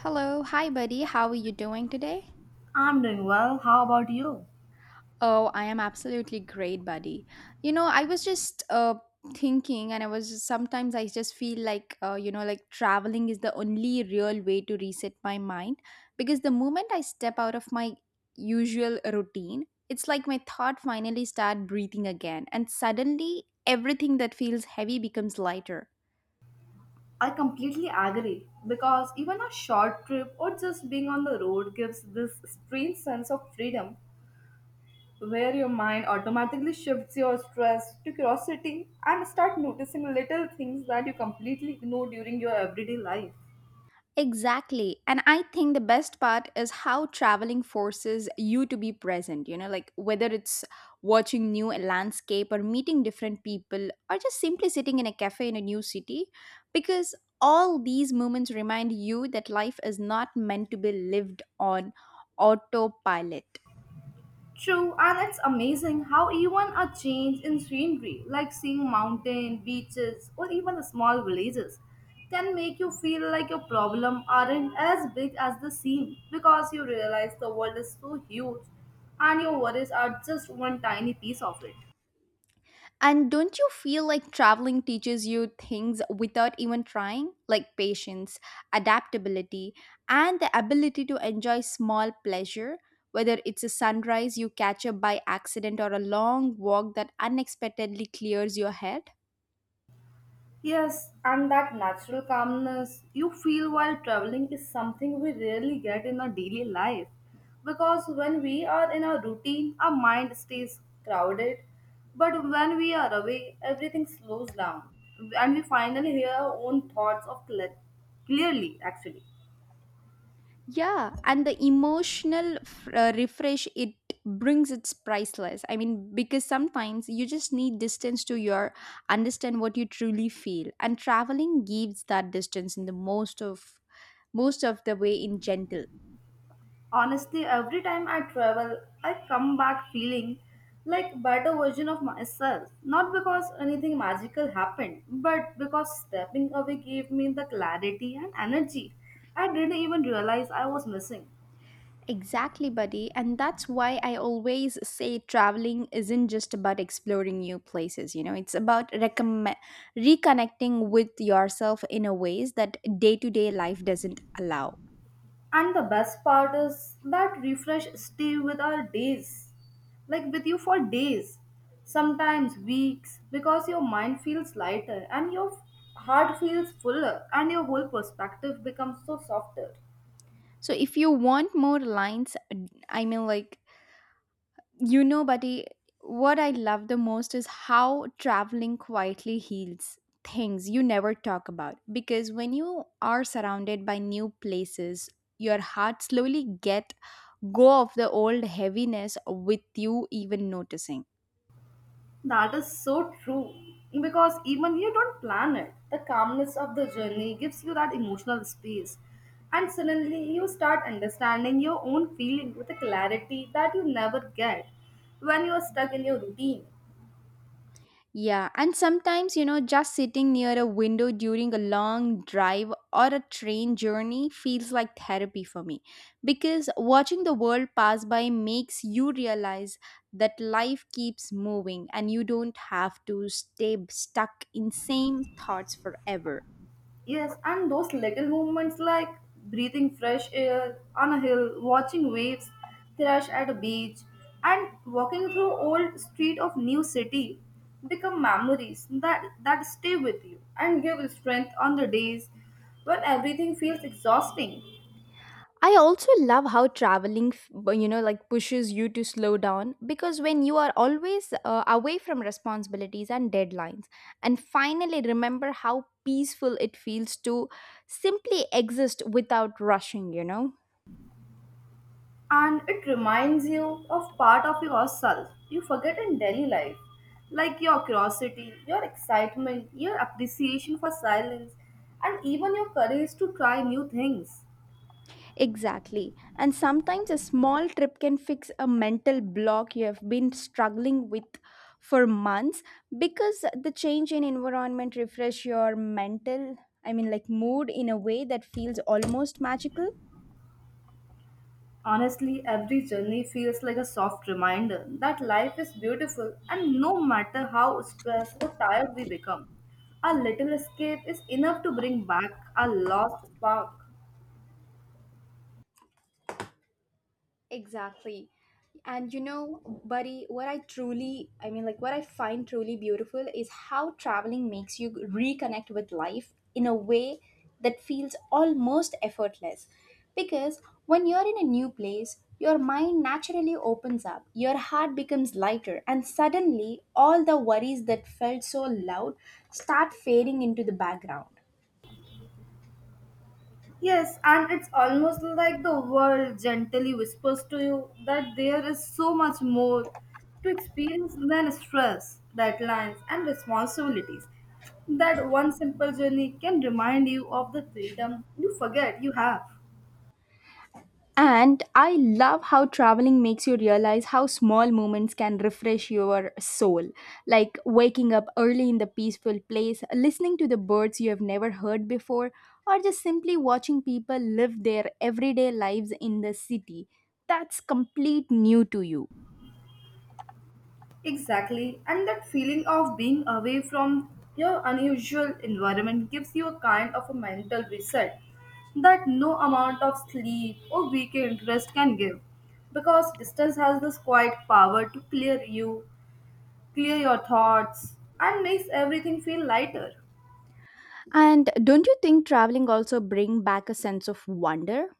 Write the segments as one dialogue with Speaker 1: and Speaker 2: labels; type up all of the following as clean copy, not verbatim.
Speaker 1: Hello, hi buddy. How are you doing today?
Speaker 2: I'm doing well. How about you?
Speaker 1: Oh, I am absolutely great, buddy. You know, I was just thinking, and I was just, sometimes I just feel like you know, like traveling is the only real way to reset my mind, because the moment I step out of my usual routine, it's like my thought finally start breathing again and suddenly everything that feels heavy becomes lighter.
Speaker 2: I completely agree because even a short trip or just being on the road gives this strange sense of freedom where your mind automatically shifts your stress to curiosity and start noticing little things that you completely ignore during your everyday life.
Speaker 1: Exactly. And I think the best part is how traveling forces you to be present, you know, like whether it's watching new landscape or meeting different people or just simply sitting in a cafe in a new city, because all these moments remind you that life is not meant to be lived on autopilot.
Speaker 2: True, and it's amazing how even a change in scenery, like seeing mountain, beaches, or even small villages, can make you feel like your problem aren't as big as they seem because you realize the world is so huge and your worries are just one tiny piece of it.
Speaker 1: And don't you feel like traveling teaches you things without even trying? Like patience, adaptability, and the ability to enjoy small pleasure, whether it's a sunrise you catch up by accident or a long walk that unexpectedly clears your head.
Speaker 2: Yes, and that natural calmness you feel while traveling is something we rarely get in our daily life. Because when we are in our routine, our mind stays crowded. But when we are away, everything slows down. And we finally hear our own thoughts clearly, actually.
Speaker 1: Yeah, and the emotional refresh it brings it's priceless. I mean, because sometimes you just need distance to your understand what you truly feel, and traveling gives that distance in the most of the way in gentle.
Speaker 2: Honestly, every time I travel, I come back feeling like a better version of myself. Not because anything magical happened, but because stepping away gave me the clarity and energy I didn't even realize I was missing.
Speaker 1: Exactly, buddy. And that's why I always say traveling isn't just about exploring new places, you know, it's about reconnecting with yourself in a ways that day to day life doesn't allow.
Speaker 2: And the best part is that refresh stay with our days, like with you for days, sometimes weeks, because your mind feels lighter and your heart feels fuller and your whole perspective becomes so softer.
Speaker 1: So if you want more lines, I mean, like you know, buddy, what I love the most is how traveling quietly heals things you never talk about. Because when you are surrounded by new places, your heart slowly get go of the old heaviness with you even noticing.
Speaker 2: That is so true. Because even you don't plan it, the calmness of the journey gives you that emotional space. And suddenly you start understanding your own feeling with a clarity that you never get when you are stuck in your routine.
Speaker 1: Yeah, and sometimes, you know, just sitting near a window during a long drive or a train journey feels like therapy for me, because watching the world pass by makes you realize that life keeps moving and you don't have to stay stuck in same thoughts forever.
Speaker 2: Yes, and those little movements like breathing fresh air on a hill, watching waves crash at a beach, and walking through old street of new city become memories that stay with you and give strength on the days when everything feels exhausting.
Speaker 1: I also love how traveling, you know, like pushes you to slow down, because when you are always away from responsibilities and deadlines, and finally remember how peaceful it feels to simply exist without rushing, you know?
Speaker 2: And it reminds you of part of yourself you forget in daily life, like your curiosity, your excitement, your appreciation for silence, and even your courage to try new things.
Speaker 1: Exactly. And sometimes a small trip can fix a mental block you have been struggling with for months, because the change in environment refresh your mental, I mean, like mood in a way that feels almost magical.
Speaker 2: Honestly, every journey feels like a soft reminder that life is beautiful, and no matter how stressed or tired we become, a little escape is enough to bring back our lost spark.
Speaker 1: Exactly. And you know, buddy, what I truly, I mean, like what I find truly beautiful is how traveling makes you reconnect with life in a way that feels almost effortless. Because when you're in a new place, your mind naturally opens up, your heart becomes lighter, and suddenly all the worries that felt so loud start fading into the background.
Speaker 2: Yes, and it's almost like the world gently whispers to you that there is so much more to experience than stress, deadlines, and responsibilities. That one simple journey can remind you of the freedom you forget you have.
Speaker 1: And I love how traveling makes you realize how small moments can refresh your soul. Like waking up early in the peaceful place, listening to the birds you have never heard before, or just simply watching people live their everyday lives in the city. That's complete new to you.
Speaker 2: Exactly, and that feeling of being away from your unusual environment gives you a kind of a mental reset that no amount of sleep or weekend rest can give because distance has this quiet power to clear you, clear your thoughts, and makes everything feel lighter.
Speaker 1: And don't you think traveling also bring back a sense of wonder?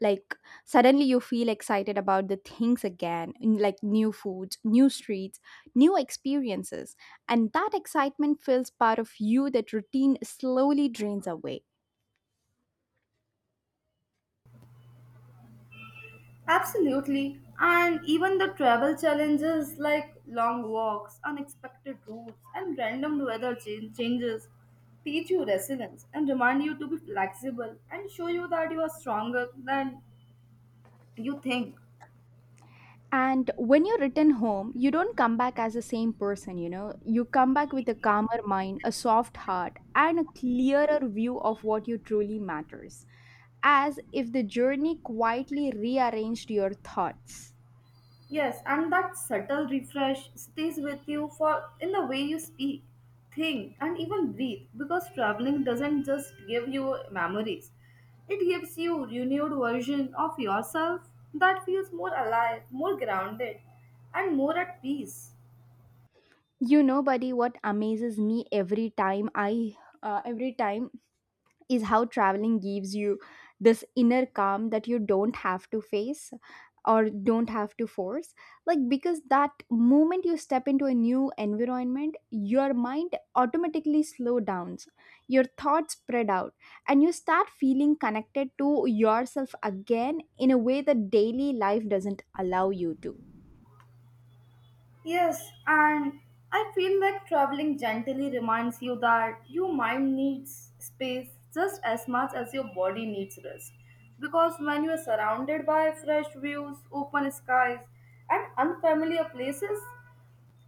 Speaker 1: Like suddenly you feel excited about the things again, like new foods, new streets, new experiences, and that excitement fills part of you that routine slowly drains away.
Speaker 2: Absolutely. And even the travel challenges like long walks, unexpected routes, and random weather changes teach you resilience and remind you to be flexible and show you that you are stronger than you think.
Speaker 1: And when you're written home, you don't come back as the same person, you know, you come back with a calmer mind, a soft heart, and a clearer view of what you truly matters, as if the journey quietly rearranged your thoughts.
Speaker 2: Yes, and that subtle refresh stays with you for in the way you speak, think, and even breathe because traveling doesn't just give you memories. It gives you renewed version of yourself that feels more alive, more grounded, and more at peace.
Speaker 1: You know, buddy, what amazes me every time I every time is how traveling gives you this inner calm that you don't have to face or don't have to force, like because that moment you step into a new environment, your mind automatically slow downs, your thoughts spread out, and you start feeling connected to yourself again in a way that daily life doesn't allow you to.
Speaker 2: Yes, and I feel like traveling gently reminds you that your mind needs space just as much as your body needs rest. Because when you are surrounded by fresh views, open skies, and unfamiliar places,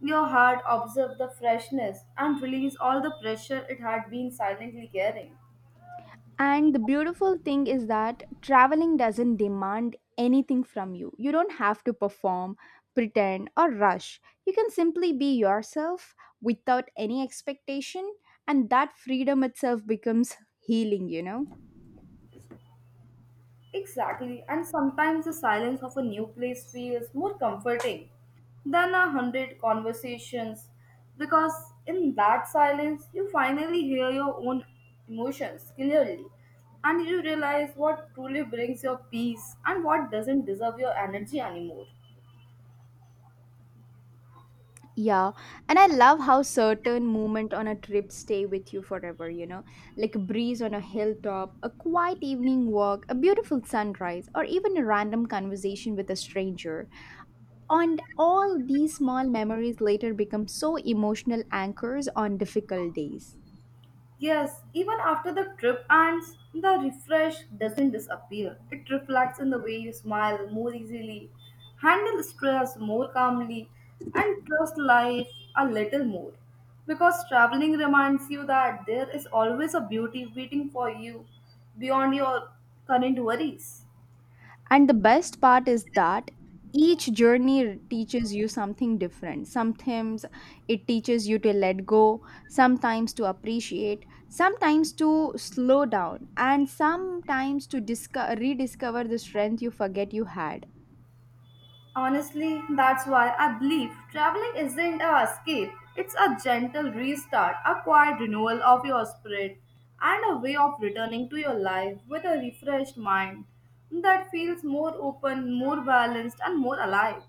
Speaker 2: your heart observes the freshness and release all the pressure it had been silently carrying.
Speaker 1: And the beautiful thing is that traveling doesn't demand anything from you. You don't have to perform, pretend, or rush. You can simply be yourself without any expectation, and that freedom itself becomes healing, you know?
Speaker 2: Exactly, and sometimes the silence of a new place feels more comforting than a hundred conversations because in that silence you finally hear your own emotions clearly and you realize what truly brings your peace and what doesn't deserve your energy anymore.
Speaker 1: Yeah, and I love how certain moment on a trip stay with you forever, you know? Like a breeze on a hilltop, a quiet evening walk, a beautiful sunrise, or even a random conversation with a stranger. And all these small memories later become so emotional anchors on difficult days.
Speaker 2: Yes, even after the trip ends, the refresh doesn't disappear. It reflects in the way you smile more easily, handle stress more calmly, and trust life a little more. Because traveling reminds you that there is always a beauty waiting for you beyond your current worries.
Speaker 1: And the best part is that each journey teaches you something different. Sometimes it teaches you to let go, sometimes to appreciate, sometimes to slow down, and sometimes to rediscover the strength you forget you had.
Speaker 2: Honestly, that's why I believe traveling isn't a escape. It's a gentle restart, a quiet renewal of your spirit, and a way of returning to your life with a refreshed mind that feels more open, more balanced, and more alive.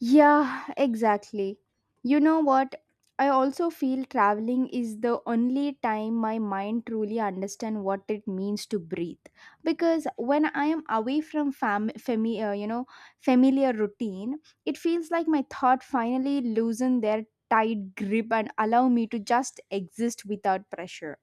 Speaker 1: Yeah, exactly. You know what? I also feel traveling is the only time my mind truly understand what it means to breathe, because when I am away from you know, familiar routine, it feels like my thought finally loosen their tight grip and allow me to just exist without pressure.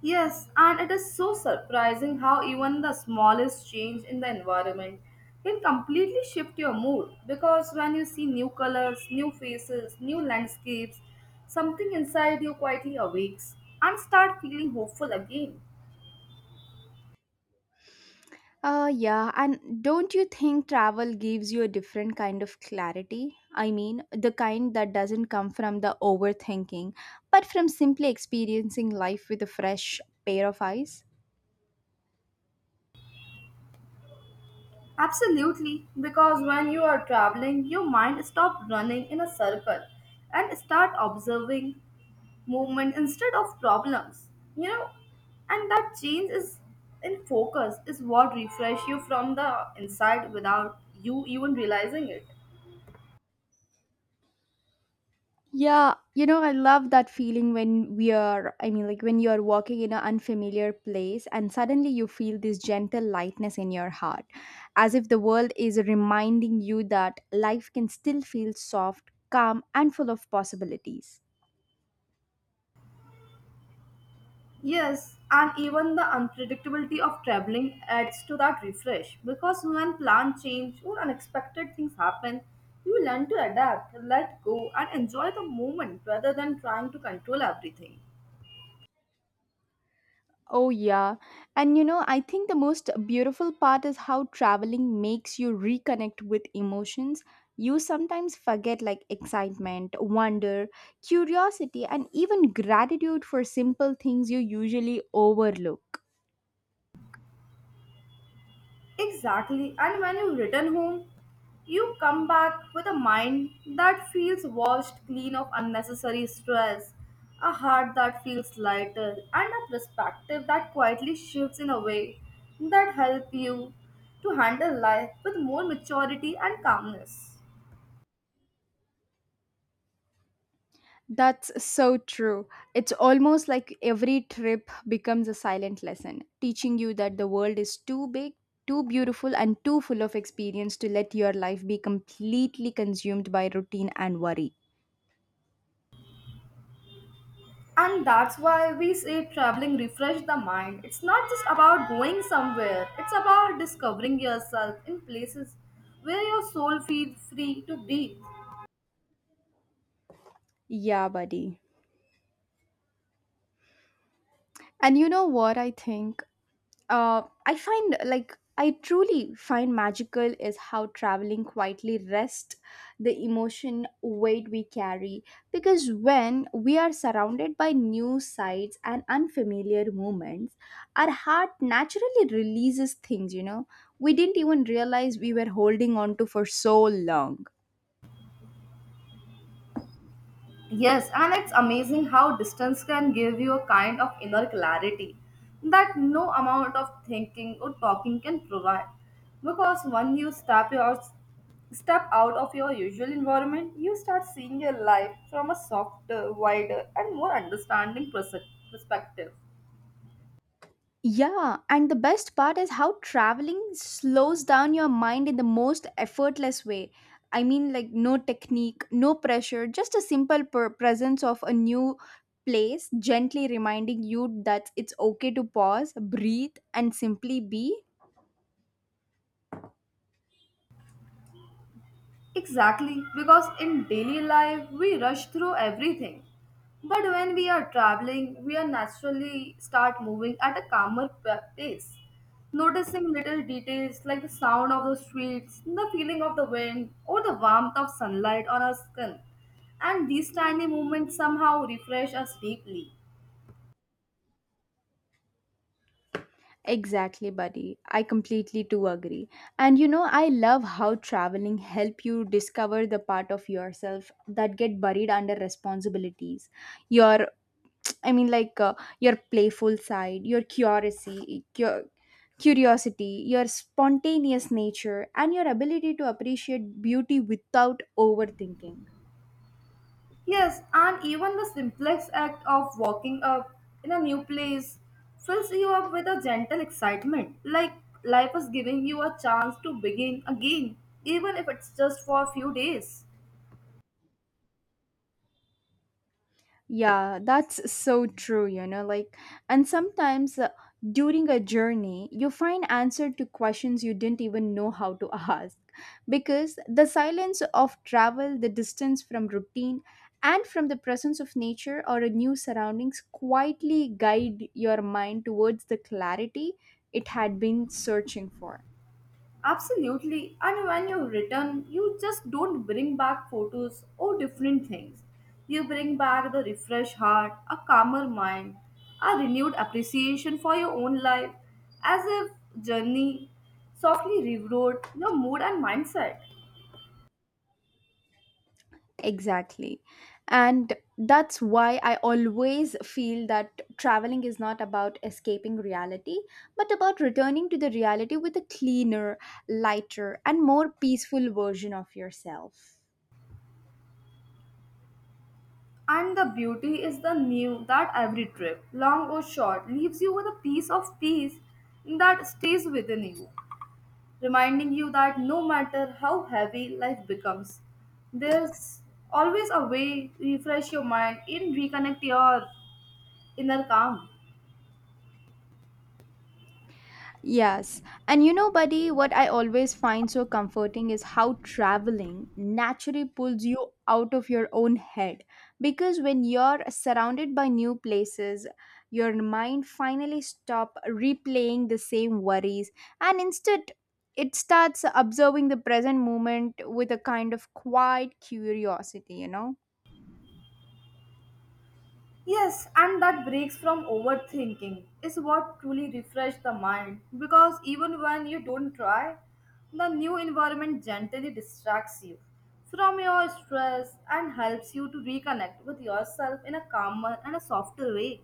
Speaker 2: Yes, and it is so surprising how even the smallest change in the environment can completely shift your mood because when you see new colors, new faces, new landscapes, something inside you quietly awakes and start feeling hopeful again.
Speaker 1: Yeah, and don't you think travel gives you a different kind of clarity? I mean, the kind that doesn't come from the overthinking, but from simply experiencing life with a fresh pair of eyes.
Speaker 2: Absolutely, because when you are traveling, your mind stops running in a circle and start observing movement instead of problems. You know, and that change is in focus is what refresh you from the inside without you even realizing it.
Speaker 1: Yeah, you know, I love that feeling when we are, I mean, like when you are walking in an unfamiliar place and suddenly you feel this gentle lightness in your heart, as if the world is reminding you that life can still feel soft, calm, and full of possibilities.
Speaker 2: Yes, and even the unpredictability of traveling adds to that refresh because when plans change or unexpected things happen, you learn to adapt, let go, and enjoy the moment rather than trying to control everything.
Speaker 1: Oh, yeah. And you know, I think the most beautiful part is how traveling makes you reconnect with emotions. You sometimes forget like excitement, wonder, curiosity, and even gratitude for simple things you usually overlook.
Speaker 2: Exactly. And when you return home, you come back with a mind that feels washed clean of unnecessary stress, a heart that feels lighter, and a perspective that quietly shifts in a way that help you to handle life with more maturity and calmness.
Speaker 1: That's so true. It's almost like every trip becomes a silent lesson, teaching you that the world is too big, too beautiful, and too full of experience to let your life be completely consumed by routine and worry.
Speaker 2: And that's why we say traveling refresh the mind. It's not just about going somewhere, it's about discovering yourself in places where your soul feels free to breathe.
Speaker 1: Yeah, buddy. And you know what I think? I find like I truly find magical is how traveling quietly rests the emotion weight we carry. Because when we are surrounded by new sights and unfamiliar moments, our heart naturally releases things, you know, we didn't even realize we were holding on to for so long.
Speaker 2: Yes, and it's amazing how distance can give you a kind of inner clarity that no amount of thinking or talking can provide. Because when you step out of your usual environment, you start seeing your life from a softer, wider, and more understanding perspective.
Speaker 1: Yeah, and the best part is how traveling slows down your mind in the most effortless way. I mean, like, no technique, no pressure, just a simple presence of a new place, gently reminding you that it's okay to pause, breathe, and simply be.
Speaker 2: Exactly, because in daily life we rush through everything. But when we are traveling, we are naturally start moving at a calmer pace, noticing little details like the sound of the streets, the feeling of the wind, or the warmth of sunlight on our skin. And these tiny movements somehow refresh us deeply.
Speaker 1: Exactly, buddy. I completely do agree. And you know, I love how traveling help you discover the part of yourself that get buried under responsibilities, your i mean like uh, your playful side, your curiosity, your spontaneous nature, and your ability to appreciate beauty without overthinking.
Speaker 2: Yes, and even the simplest act of walking up in a new place fills you up with a gentle excitement, like life is giving you a chance to begin again, even if it's just for a few days.
Speaker 1: Yeah, that's so true, you know, like, and sometimes during a journey, you find answer to questions you didn't even know how to ask, because the silence of travel, the distance from routine, and from the presence of nature or a new surroundings quietly guide your mind towards the clarity it had been searching for.
Speaker 2: Absolutely. And when you return, you just don't bring back photos or different things. You bring back the refreshed heart, a calmer mind, a renewed appreciation for your own life, as if journey softly rewrote your mood and mindset.
Speaker 1: Exactly. And that's why I always feel that traveling is not about escaping reality, but about returning to the reality with a cleaner, lighter, and more peaceful version of yourself.
Speaker 2: And the beauty is the new that every trip, long or short, leaves you with a piece of peace that stays within you, reminding you that no matter how heavy life becomes, there's always a way to refresh your mind and reconnect your inner calm.
Speaker 1: Yes. And you know, buddy, what I always find so comforting is how traveling naturally pulls you out of your own head. Because when you're surrounded by new places, your mind finally stop replaying the same worries and instead it starts observing the present moment with a kind of quiet curiosity, you know?
Speaker 2: Yes, and that breaks from overthinking is what truly refresh the mind because even when you don't try, the new environment gently distracts you from your stress and helps you to reconnect with yourself in a calmer and a softer way.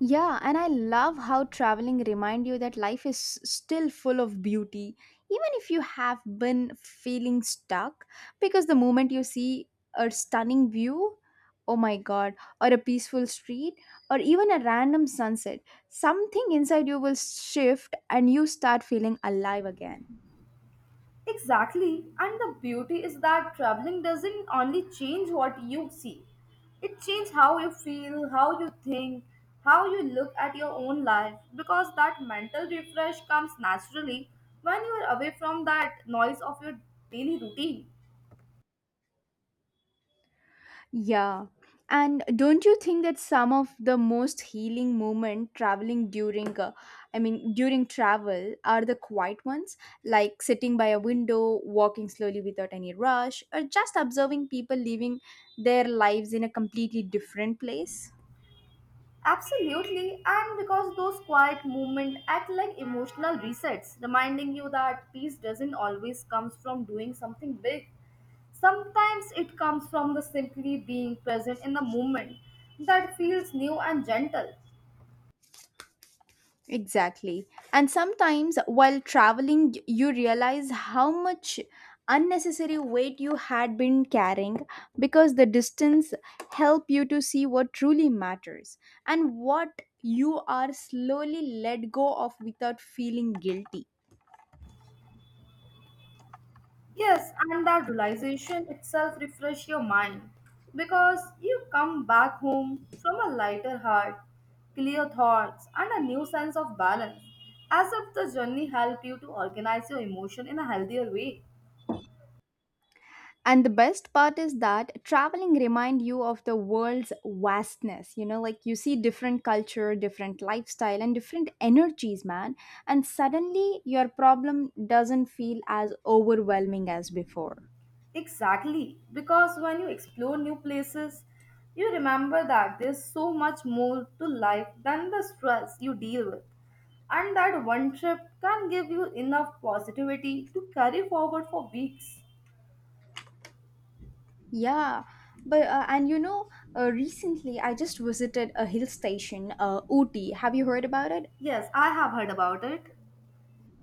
Speaker 1: Yeah, and I love how traveling remind you that life is still full of beauty even if you have been feeling stuck, because the moment you see a stunning view, oh my god, or a peaceful street or even a random sunset, something inside you will shift and you start feeling alive again.
Speaker 2: Exactly, and the beauty is that traveling doesn't only change what you see, it changes how you feel, how you think, how you look at your own life because that mental refresh comes naturally when you are away from that noise of your daily routine.
Speaker 1: Yeah. And don't you think that some of the most healing moment traveling during I mean during travel are the quiet ones, like sitting by a window, walking slowly without any rush, or just observing people living their lives in a completely different place?
Speaker 2: Absolutely, and because those quiet movements act like emotional resets, reminding you that peace doesn't always comes from doing something big. Sometimes it comes from the simply being present in the moment that feels new and gentle.
Speaker 1: Exactly. And sometimes while traveling, you realize how much unnecessary weight you had been carrying, because the distance help you to see what truly matters and what you are slowly let go of without feeling guilty.
Speaker 2: Yes, and that realization itself refresh your mind because you come back home from a lighter heart, clear thoughts, and a new sense of balance, as if the journey helped you to organize your emotion in a healthier way.
Speaker 1: And the best part is that traveling remind you of the world's vastness. You know, like you see different culture, different lifestyle, and different energies, man. And suddenly your problem doesn't feel as overwhelming as before.
Speaker 2: Exactly, because when you explore new places, you remember that there's so much more to life than the stress you deal with, and that one trip can give you enough positivity to carry forward for weeks.
Speaker 1: Yeah, but and you know, recently I just visited a hill station, Ooty. Have you heard about it?
Speaker 2: Yes, I have heard about it.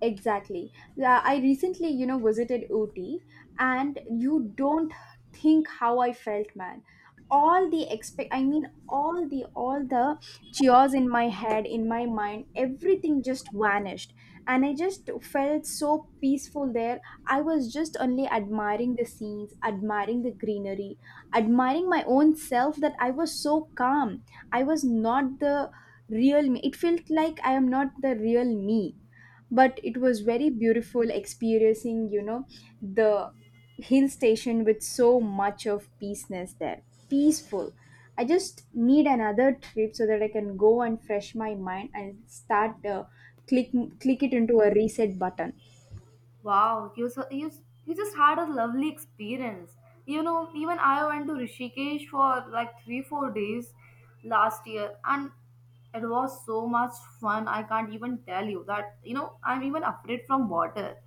Speaker 1: Exactly. Yeah, I recently, visited Ooty, and you don't think how I felt, man. All the expect, I mean, all the cheers in my head, in my mind, everything just vanished, and I just felt so peaceful there. I was just only admiring the scenes, admiring the greenery, admiring my own self. That I was so calm. I was not the real me. It felt like I am not the real me, but it was very beautiful experiencing the hill station with so much of peaceness there, peaceful. I just need another trip so that I can go and fresh my mind and start click click it into a reset button.
Speaker 2: Wow, you you just had a lovely experience. You know, even I went to Rishikesh for like 3 4 days last year, and it was so much fun. I can't even tell you that, you know, I'm even afraid from water.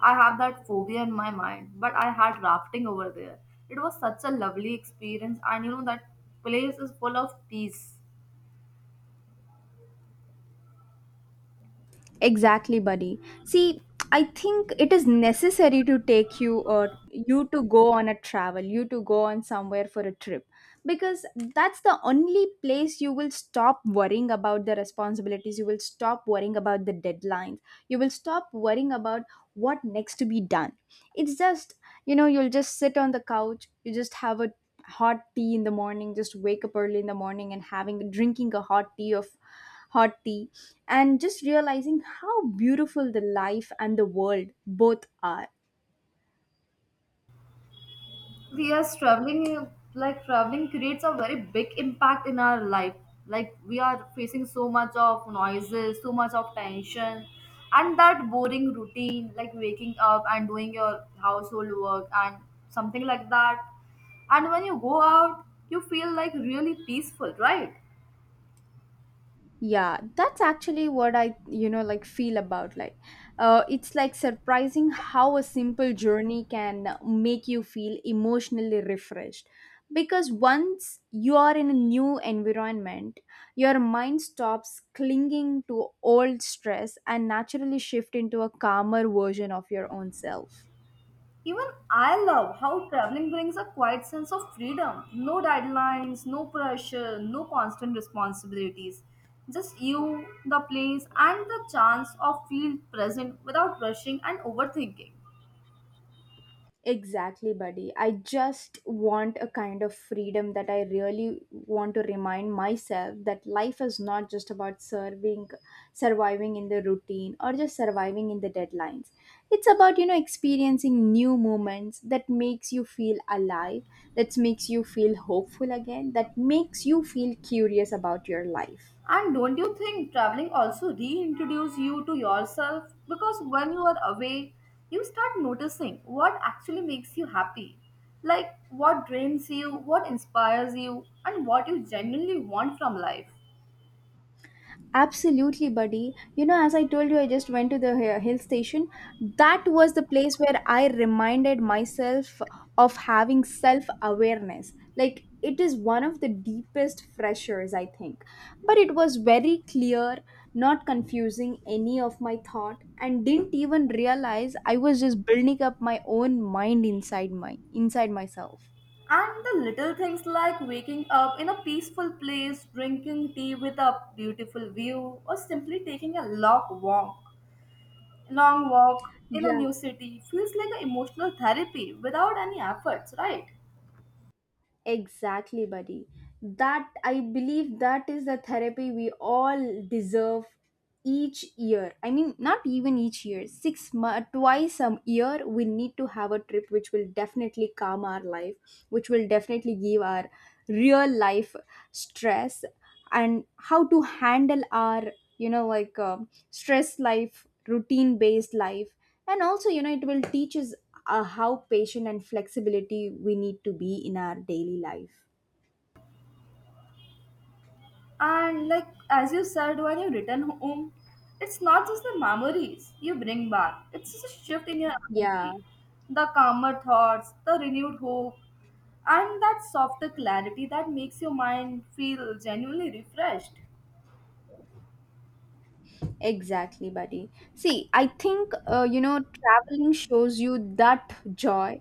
Speaker 2: I have that phobia in my mind, but I had rafting over there. It was such a lovely experience, and you know that place is full of peace.
Speaker 1: Exactly, buddy. See, I think it is necessary to take you or you to go on a travel, you to go on somewhere for a trip, because that's the only place you will stop worrying about the responsibilities, you will stop worrying about the deadlines, you will stop worrying about what next to be done. It's just, you know, you'll just sit on the couch, you just have a hot tea in the morning, just wake up early in the morning and having drinking a hot tea of hot tea, and just realizing how beautiful the life and the world both are.
Speaker 2: Yes, traveling, like traveling creates a very big impact in our life, like we are facing so much of noises, so much of tension, and that boring routine like waking up and doing your household work and something like that, and when you go out you feel like really peaceful, right?
Speaker 1: Yeah, that's actually what I, like feel about, like it's like surprising how a simple journey can make you feel emotionally refreshed, because once you are in a new environment, your mind stops clinging to old stress and naturally shift into a calmer version of your own self.
Speaker 2: Even I love how traveling brings a quiet sense of freedom. No deadlines, no pressure, no constant responsibilities. Just you, the place, and the chance of feel present without rushing and overthinking.
Speaker 1: Exactly, buddy. I just want a kind of freedom that I really want to remind myself that life is not just about serving, surviving in the routine or just surviving in the deadlines. It's about, you know, experiencing new moments that makes you feel alive, that makes you feel hopeful again, that makes you feel curious about your life.
Speaker 2: And don't you think traveling also reintroduces you to yourself? Because when you are away, you start noticing what actually makes you happy. Like what drains you, what inspires you, and what you genuinely want from life.
Speaker 1: Absolutely, buddy. You know, as I told you, I just went to the hill station. That was the place where I reminded myself of having self awareness. Like, it is one of the deepest freshers, I think. But it was very clear, not confusing any of my thought, and didn't even realize I was just building up my own mind inside my inside myself.
Speaker 2: And the little things like waking up in a peaceful place, drinking tea with a beautiful view, or simply taking a long walk in a
Speaker 1: Yeah.
Speaker 2: new city feels like an emotional therapy without any efforts, right?
Speaker 1: Exactly, buddy. That I believe that is the therapy we all deserve each year. I mean, not even each year. Twice a year, we need to have a trip which will definitely calm our life, which will definitely give our real life stress and how to handle our, you know, like stress life, routine based life, and also, you know, it will teach us how patient and flexibility we need to be in our daily life.
Speaker 2: And like as you said, when you return home, it's not just the memories you bring back; it's just a shift in your
Speaker 1: Yeah.
Speaker 2: energy, the calmer thoughts, the renewed hope, and that softer clarity that makes your mind feel genuinely refreshed.
Speaker 1: Exactly, buddy. See, I think, you know, traveling shows you that joy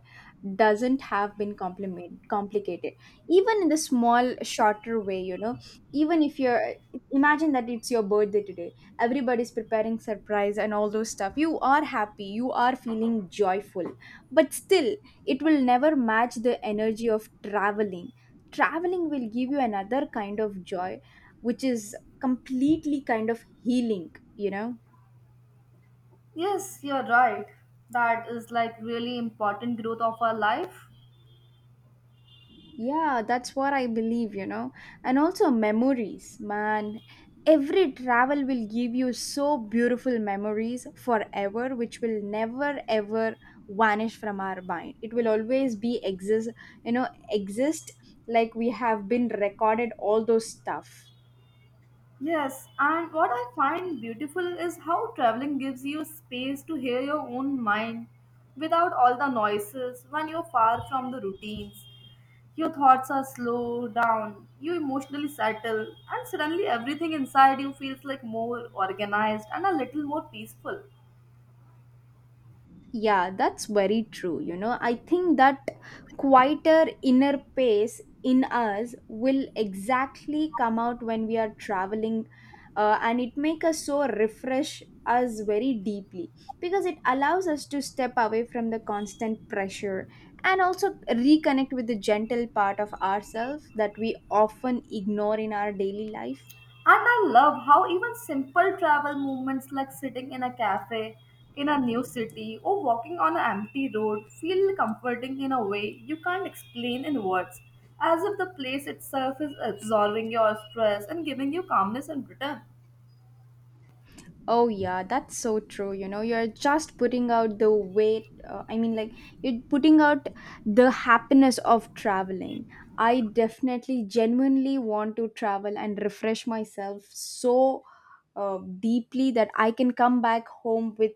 Speaker 1: doesn't have been compliment complicated, even in the small shorter way, you know. Even if you're, imagine that it's your birthday today, everybody's preparing surprise and all those stuff, you are happy, you are feeling joyful, but still it will never match the energy of traveling. Traveling will give you another kind of joy, which is completely kind of healing, you know?
Speaker 2: Yes, you're right. That is like really important growth of our life.
Speaker 1: Yeah, that's what I believe, you know? And also memories, man. Every travel will give you so beautiful memories forever, which will never ever vanish from our mind. It will always be exist, you know, exist, like we have been recorded all those stuff.
Speaker 2: Yes, and what I find beautiful is how traveling gives you space to hear your own mind without all the noises when you're far from the routines. Your thoughts are slow down, you emotionally settle, and suddenly everything inside you feels like more organized and a little more peaceful.
Speaker 1: Yeah, that's very true. You know, I think that quieter inner pace in us will exactly come out when we are traveling, and it make us so refresh us very deeply, because it allows us to step away from the constant pressure, and also reconnect with the gentle part of ourselves that we often ignore in our daily life.
Speaker 2: And I love how even simple travel movements like sitting in a cafe in a new city or walking on an empty road feel comforting in a way you can't explain in words, as if the place itself is absorbing your stress and giving you calmness in return.
Speaker 1: Oh yeah, that's so true. You know, you're just putting out the weight. I mean, like, you're putting out the happiness of traveling. I definitely, genuinely want to travel and refresh myself so deeply that I can come back home with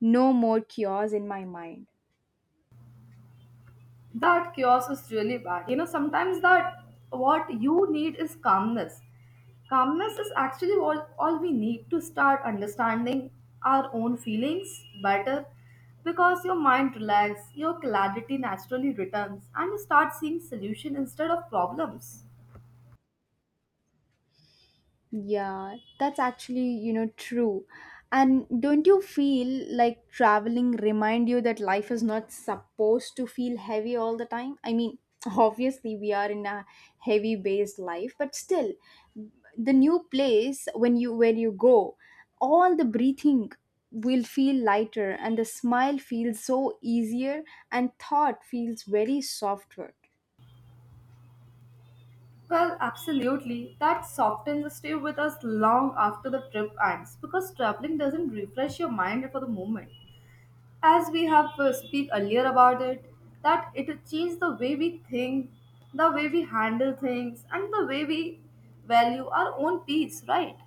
Speaker 1: no more cures in my mind.
Speaker 2: That chaos is really bad. You know, sometimes that what you need is calmness. Calmness is actually all we need to start understanding our own feelings better because your mind relaxes, your clarity naturally returns, and you start seeing solution instead of problems.
Speaker 1: Yeah, that's actually, you know, true. And don't you feel like traveling remind you that life is not supposed to feel heavy all the time? I mean, obviously we are in a heavy based life, but still the new place when you where you go, all the breathing will feel lighter, and the smile feels so easier, and thought feels very softer.
Speaker 2: Well, absolutely. That softens stay with us long after the trip ends because traveling doesn't refresh your mind for the moment. As we have speak earlier about it, that it will change the way we think, the way we handle things, and the way we value our own peace, right?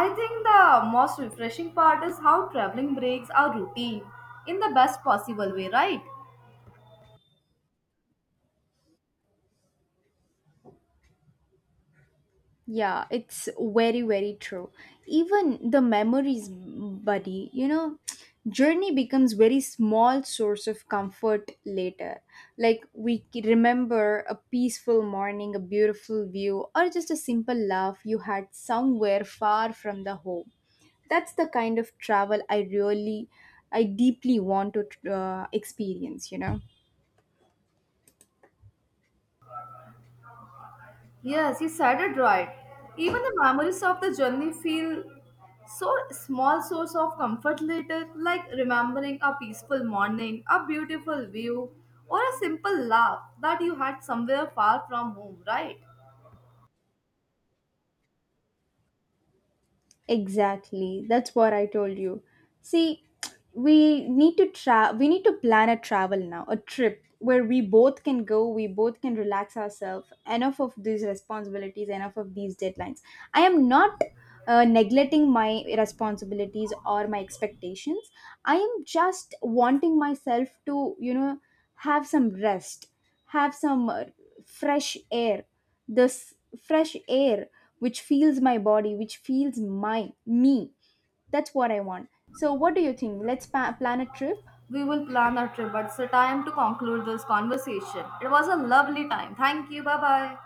Speaker 2: I think the most refreshing part is how traveling breaks our routine in the best possible way, right?
Speaker 1: Yeah, it's very, very true. Even the memories, buddy, you know, journey becomes very small source of comfort later. Like, remember a peaceful morning, a beautiful view, or just a simple laugh you had somewhere far from the home. That's the kind of travel I really, I deeply want to experience, you know.
Speaker 2: Yes, you said it right. Even the memories of the journey feel so small source of comfort later, like remembering a peaceful morning, a beautiful view, or a simple laugh that you had somewhere far from home, right?
Speaker 1: Exactly. That's what I told you. See, we need to plan a travel now, a trip where we both can go, we both can relax ourselves. Enough of these responsibilities, enough of these deadlines. I am not neglecting my responsibilities or my expectations. I am just wanting myself to, you know, have some rest, have some fresh air, this fresh air, which feels my body, which feels my me. That's what I want. So what do you think? Let's plan a trip.
Speaker 2: We will plan our trip, but it's a time to conclude this conversation. It was a lovely time. Thank you. Bye bye.